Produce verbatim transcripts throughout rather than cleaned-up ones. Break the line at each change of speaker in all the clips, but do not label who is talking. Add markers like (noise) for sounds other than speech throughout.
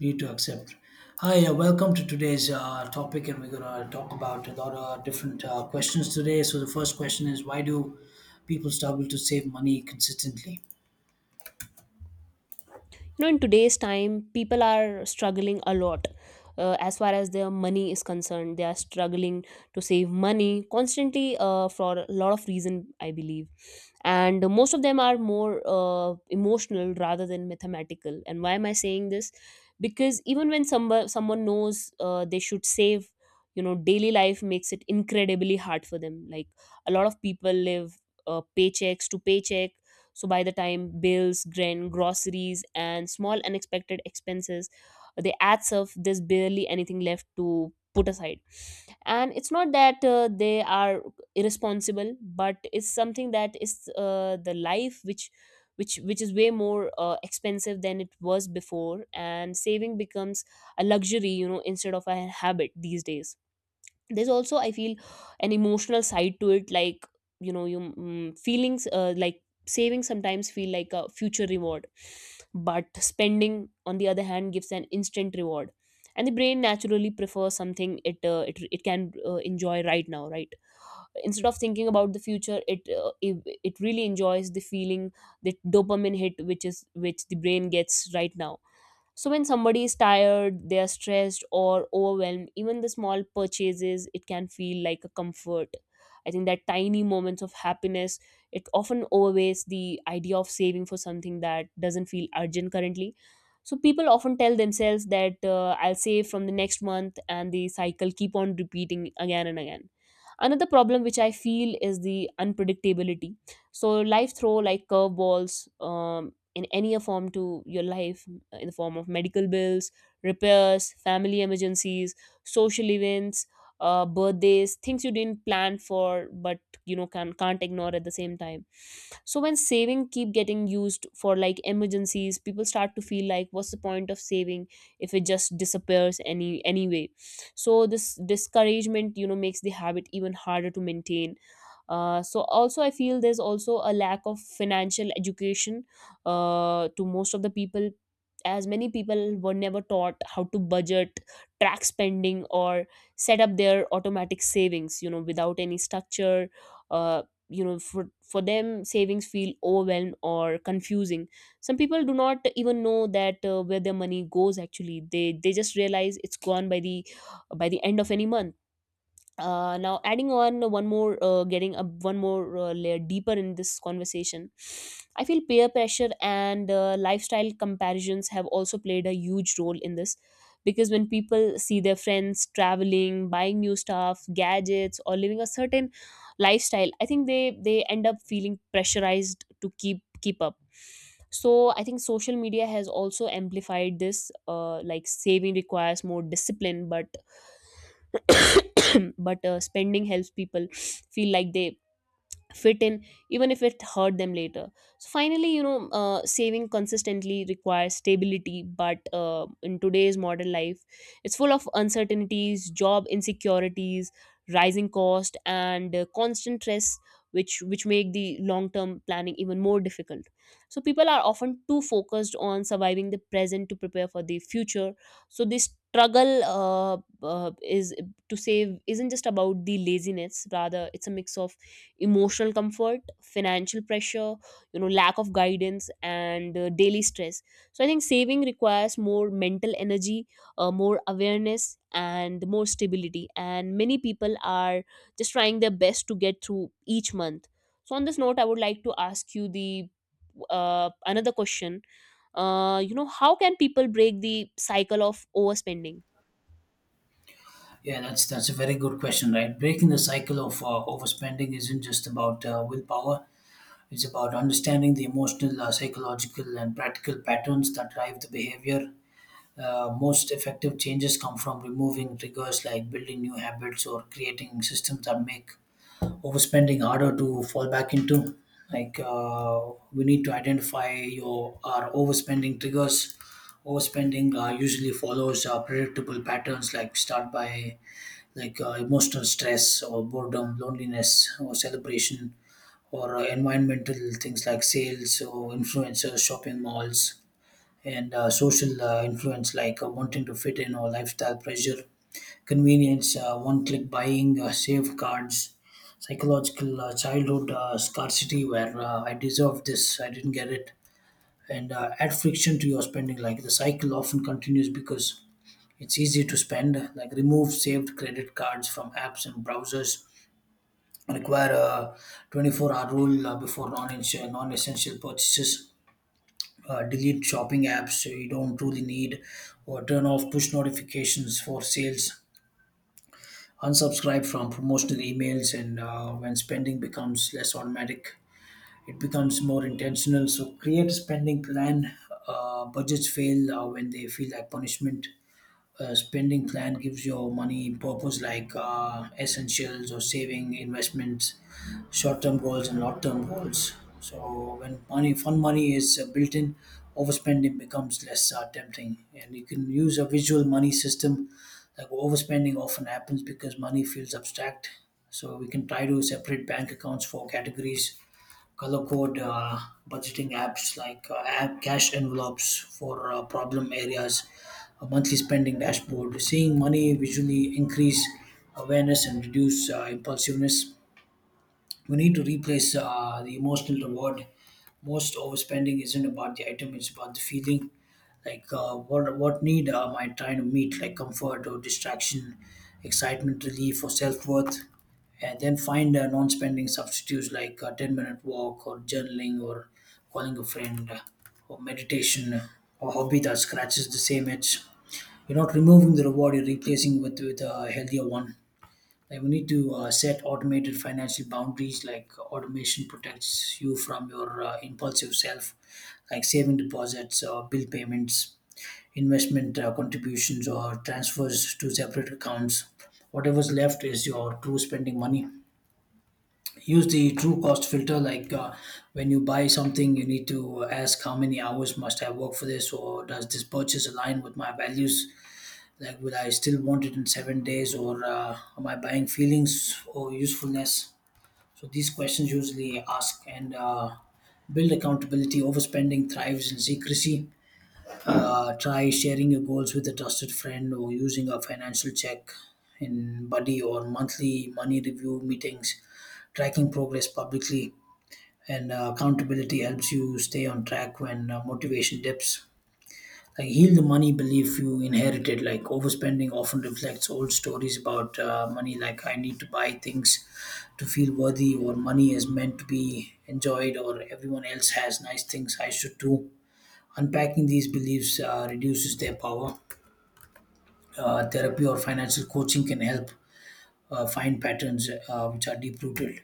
Need to accept. Hi, uh, welcome to today's uh, topic, and we're gonna talk about a lot of different uh, questions today. So the first question is, why do people struggle to save money consistently?
You know, in today's time people are struggling a lot. Uh, as far as their money is concerned, they are struggling to save money constantly, uh, for a lot of reason I believe, and most of them are more uh, emotional rather than mathematical. And why am I saying this? Because even when somebody, someone knows uh, they should save, you know, daily life makes it incredibly hard for them. Like a lot of people live uh, paychecks to paycheck. So by the time bills, grand groceries, and small unexpected expenses, they adds up. There's barely anything left to put aside. And it's not that uh, they are irresponsible, but it's something that is uh, the life which. Which, which is way more uh, expensive than it was before, and saving becomes a luxury, you know, instead of a habit these days. There's also, I feel, an emotional side to it. Like, you know, you mm, feelings, uh, like saving sometimes feel like a future reward, but spending on the other hand gives an instant reward. And the brain naturally prefers something it uh, it, it can uh, enjoy right now, right? Instead of thinking about the future, it, uh, it it really enjoys the feeling, the dopamine hit which is which the brain gets right now. So when somebody is tired, they are stressed or overwhelmed, even the small purchases, it can feel like a comfort. I think that tiny moments of happiness, it often overweighs the idea of saving for something that doesn't feel urgent currently. So people often tell themselves that uh, I'll save from the next month, and the cycle keep on repeating again and again. Another problem which I feel is the unpredictability. So life throw like curveballs um, in any a form to your life, uh, in the form of medical bills, repairs, family emergencies, social events, uh, birthdays, things you didn't plan for but you know can, can't ignore at the same time. So when saving keep getting used for like emergencies, people start to feel like what's the point of saving if it just disappears any anyway. So this discouragement, you know, makes the habit even harder to maintain. Uh, so also I feel there's also a lack of financial education uh, to most of the people, as many people were never taught how to budget, track spending, or set up their automatic savings. You know, without any structure, uh, you know, for, for them savings feel overwhelmed or confusing. Some people do not even know that uh, where their money goes. Actually, they they just realize it's gone by the by the end of any month. Uh, now adding on one more, uh, getting a one more uh, layer deeper in this conversation, I feel peer pressure and uh, lifestyle comparisons have also played a huge role in this, because when people see their friends traveling, buying new stuff, gadgets, or living a certain lifestyle, I think they they end up feeling pressurized to keep keep up. So I think social media has also amplified this. Uh, like saving requires more discipline, but (clears throat) but uh, spending helps people feel like they fit in, even if it hurt them later. So finally, you know, uh, saving consistently requires stability, but uh, in today's modern life, it's full of uncertainties, job insecurities, rising cost, and uh, constant stress, which which make the long term planning even more difficult. So people are often too focused on surviving the present to prepare for the future. So this struggle, uh, uh, is to save, isn't just about the laziness, rather it's a mix of emotional comfort, financial pressure, you know, lack of guidance, and uh, daily stress. So I think saving requires more mental energy, uh, more awareness and more stability, and many people are just trying their best to get through each month. So on this note, I would like to ask you the uh, another question. Uh, you know, how can people break the cycle of overspending?
Yeah, that's that's a very good question, right? Breaking the cycle of uh, overspending isn't just about uh, willpower. It's about understanding the emotional, uh, psychological, and practical patterns that drive the behavior. Uh, most effective changes come from removing triggers like building new habits or creating systems that make overspending harder to fall back into. Like uh, we need to identify your our overspending triggers. Overspending uh, usually follows uh, predictable patterns, like start by like uh, emotional stress or boredom, loneliness or celebration, or uh, environmental things like sales or influencers, shopping malls, and uh, social uh, influence like uh, wanting to fit in or lifestyle pressure convenience, uh, one click buying, uh, safeguards, psychological uh, childhood uh, scarcity where uh, I deserve this, I didn't get it, and uh, add friction to your spending. Like the cycle often continues because it's easy to spend, like remove saved credit cards from apps and browsers, require a twenty-four hour rule uh, before non essential purchases. Uh, delete shopping apps so you don't truly need or turn off push notifications for sales. Unsubscribe from promotional emails, and uh, when spending becomes less automatic, it becomes more intentional. So create a spending plan. Uh, budgets fail uh, when they feel like punishment. Uh, spending plan gives your money purpose like uh, essentials or saving investments, short-term goals and long-term goals. So when money fun money is uh, built in, overspending becomes less uh, tempting, and you can use a visual money system. Like overspending often happens because money feels abstract, so we can try to separate bank accounts for categories, color code uh, budgeting apps like uh, app cash envelopes for uh, problem areas, a monthly spending dashboard. Seeing money visually increase awareness and reduce uh, impulsiveness. We need to replace uh, the emotional reward. Most overspending isn't about the item; it's about the feeling. Like uh, what what need am I trying to meet? Like comfort or distraction, excitement, relief, or self worth. And then find uh, non-spending substitutes like a ten-minute walk or journaling or calling a friend or meditation or hobby that scratches the same itch. You're not removing the reward; you're replacing with with a healthier one. Like we need to uh, set automated financial boundaries. Like uh, automation protects you from your uh, impulsive self, like saving deposits, uh, bill payments, investment uh, contributions, or transfers to separate accounts. Whatever's left is your true spending money. Use the true cost filter. Like uh, when you buy something, you need to uh, ask how many hours must I work for this, or does this purchase align with my values? Like, will I still want it in seven days, or uh, am I buying feelings or usefulness? So these questions usually ask and uh, build accountability. Overspending thrives in secrecy. Uh, try sharing your goals with a trusted friend or using a financial check in buddy or monthly money review meetings. Tracking progress publicly, and uh, accountability helps you stay on track when uh, motivation dips. Like heal the money belief you inherited. Like overspending often reflects old stories about uh, money. Like I need to buy things to feel worthy, or money is meant to be enjoyed, or everyone else has nice things I should too. Unpacking these beliefs uh, reduces their power. Uh, therapy or financial coaching can help uh, find patterns uh, which are deep rooted.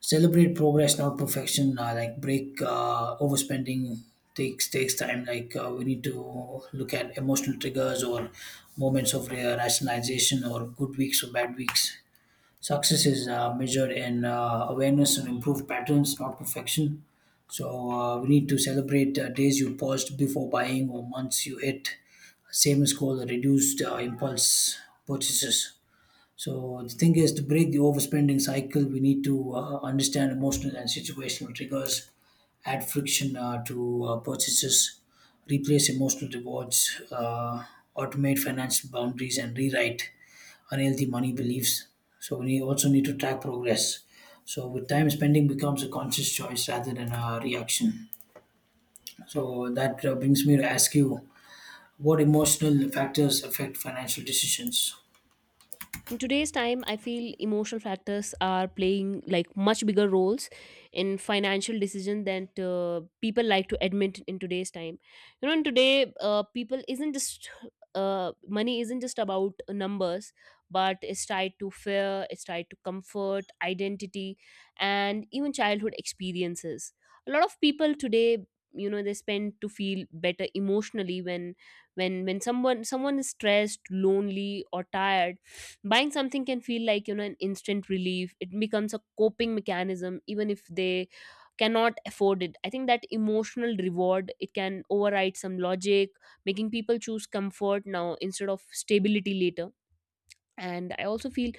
Celebrate progress, not perfection. Uh, like break uh, overspending takes takes time. Like uh, we need to look at emotional triggers or moments of uh, rationalization or good weeks or bad weeks. Success is uh, measured in uh, awareness and improved patterns, not perfection. So uh, we need to celebrate uh, days you paused before buying or months you hit same goal or reduced uh, impulse purchases. So the thing is, to break the overspending cycle, we need to uh, understand emotional and situational triggers, add friction uh, to uh, purchases, replace emotional rewards, uh, automate financial boundaries, and rewrite unhealthy money beliefs. So we also need to track progress. So with time, spending becomes a conscious choice rather than a reaction. So that uh, brings me to ask you, what emotional factors affect financial decisions?
In today's time, I feel emotional factors are playing like much bigger roles in financial decision than uh, people like to admit. In today's time, you know, in today, uh, people isn't just uh, money isn't just about numbers, but it's tied to fear, it's tied to comfort, identity, and even childhood experiences. A lot of people today, you know, they spend to feel better emotionally. When when when someone someone is stressed, lonely, or tired, buying something can feel like, you know, an instant relief. It becomes a coping mechanism even if they cannot afford it. I think that emotional reward, it can override some logic, making people choose comfort now instead of stability later. And I also feel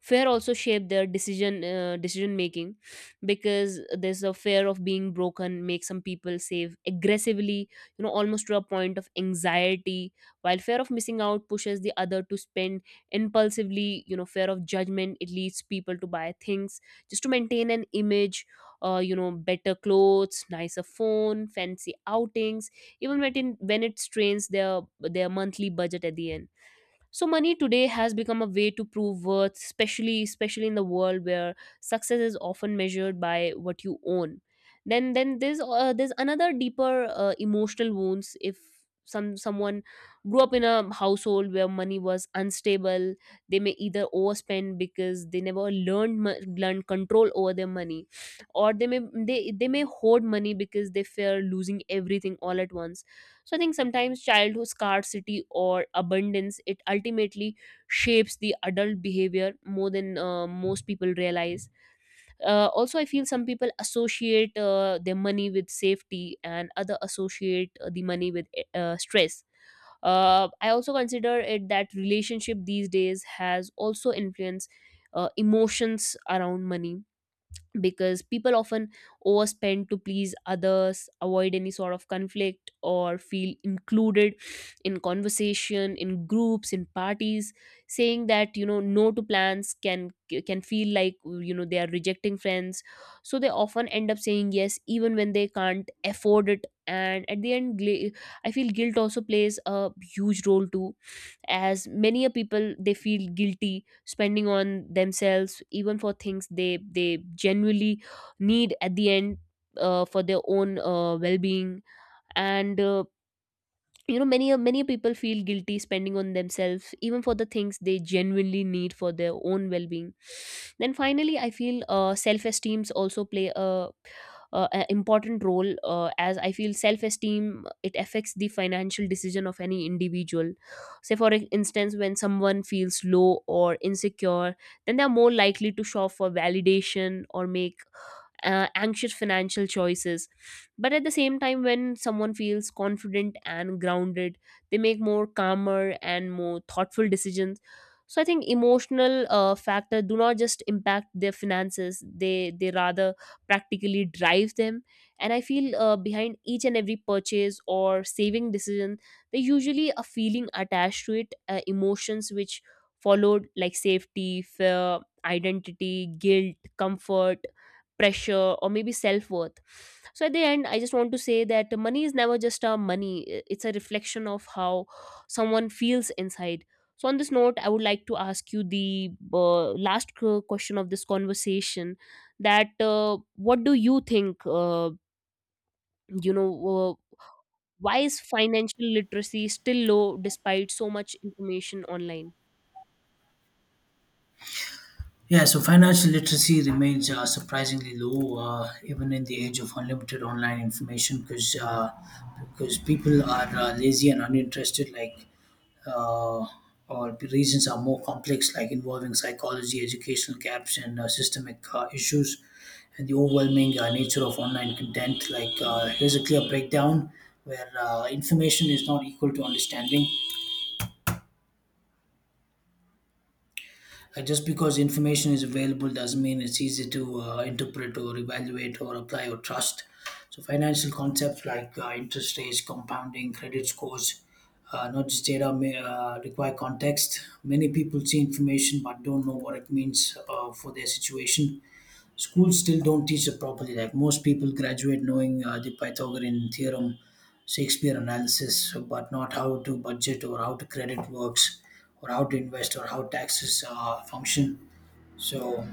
fear also shape their decision uh, decision making, because there's a fear of being broken makes some people save aggressively, you know, almost to a point of anxiety, while fear of missing out pushes the other to spend impulsively. You know, fear of judgment, it leads people to buy things just to maintain an image, uh, you know, better clothes, nicer phone, fancy outings, even when it, when it strains their their monthly budget at the end. So money today has become a way to prove worth, especially especially in the world where success is often measured by what you own. Then then there's uh, there's another deeper uh, emotional wounds. If some someone grew up in a household where money was unstable, they may either overspend because they never learned mo- learned control over their money, or they may they they may hoard money because they fear losing everything all at once. So I think sometimes childhood scarcity or abundance, it ultimately shapes the adult behavior more than uh, most people realize. Uh, also, I feel some people associate uh, their money with safety, and other associate uh, the money with uh, stress. uh, I also consider it that relationship these days has also influenced uh, emotions around money, because people often overspend to please others, avoid any sort of conflict, or feel included in conversation, in groups, in parties. Saying that, you know, no to plans can can feel like, you know, they are rejecting friends, so they often end up saying yes even when they can't afford it. And at the end, gla- I feel guilt also plays a huge role too, as many a people they feel guilty spending on themselves even for things they they genuinely need at the end, uh, for their own uh, well-being. And uh, you know, many many people feel guilty spending on themselves even for the things they genuinely need for their own well-being. Then finally, I feel uh, self-esteems also play a, a, a important role, uh, as I feel self-esteem, it affects the financial decision of any individual. Say for e, instance, when someone feels low or insecure, then they are more likely to shop for validation or make uh, anxious financial choices. But at the same time, when someone feels confident and grounded, they make more calmer and more thoughtful decisions. So I think emotional uh, factor do not just impact their finances, they they rather practically drive them. And I feel uh, behind each and every purchase or saving decision, they usually a feeling attached to it, uh, emotions which followed, like safety, fear, identity, guilt, comfort, pressure, or maybe self-worth. So at the end, I just want to say that money is never just a money. I- it's a reflection of how someone feels inside. So on this note, I would like to ask you the uh, last q- question of this conversation, that uh, what do you think, uh, you know, uh, why is financial literacy still low despite so much information online?
Yeah, so financial literacy remains uh, surprisingly low, uh, even in the age of unlimited online information, because uh, because people are uh, lazy and uninterested, like uh, or the reasons are more complex, like involving psychology, educational gaps, and uh, systemic uh, issues, and the overwhelming uh, nature of online content. Like uh, here's a clear breakdown where uh, information is not equal to understanding. Uh, just because information is available doesn't mean it's easy to uh, interpret or evaluate or apply or trust. So financial concepts like uh, interest rates, compounding, credit scores, uh, not just data may uh, require context. Many people see information but don't know what it means uh, for their situation. Schools still don't teach it properly. Like most people graduate knowing uh, the Pythagorean theorem, Shakespeare analysis, but not how to budget or how to credit works, or how to invest or how taxes uh, function. So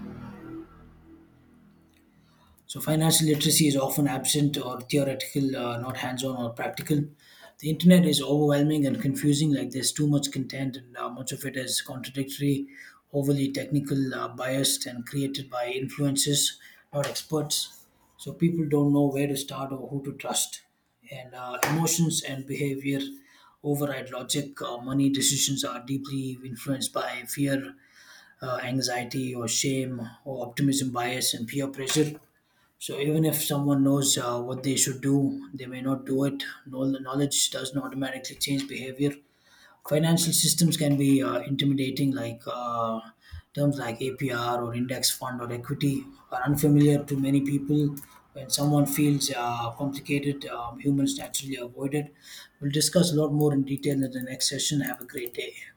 so, financial literacy is often absent or theoretical, uh, not hands on or practical. The internet is overwhelming and confusing, like, there's too much content, and uh, much of it is contradictory, overly technical, uh, biased, and created by influences, not experts. So, people don't know where to start or who to trust. And uh, emotions and behavior override logic. Uh, money decisions are deeply influenced by fear, uh, anxiety, or shame, or optimism bias, and peer pressure. So even if someone knows uh, what they should do, they may not do it. Know- Knowledge doesn't automatically change behavior. Financial systems can be uh, intimidating, like uh, terms like A P R or index fund or equity are unfamiliar to many people. When someone feels uh, complicated, um, humans naturally avoid it. We'll discuss a lot more in detail in the next session. Have a great day.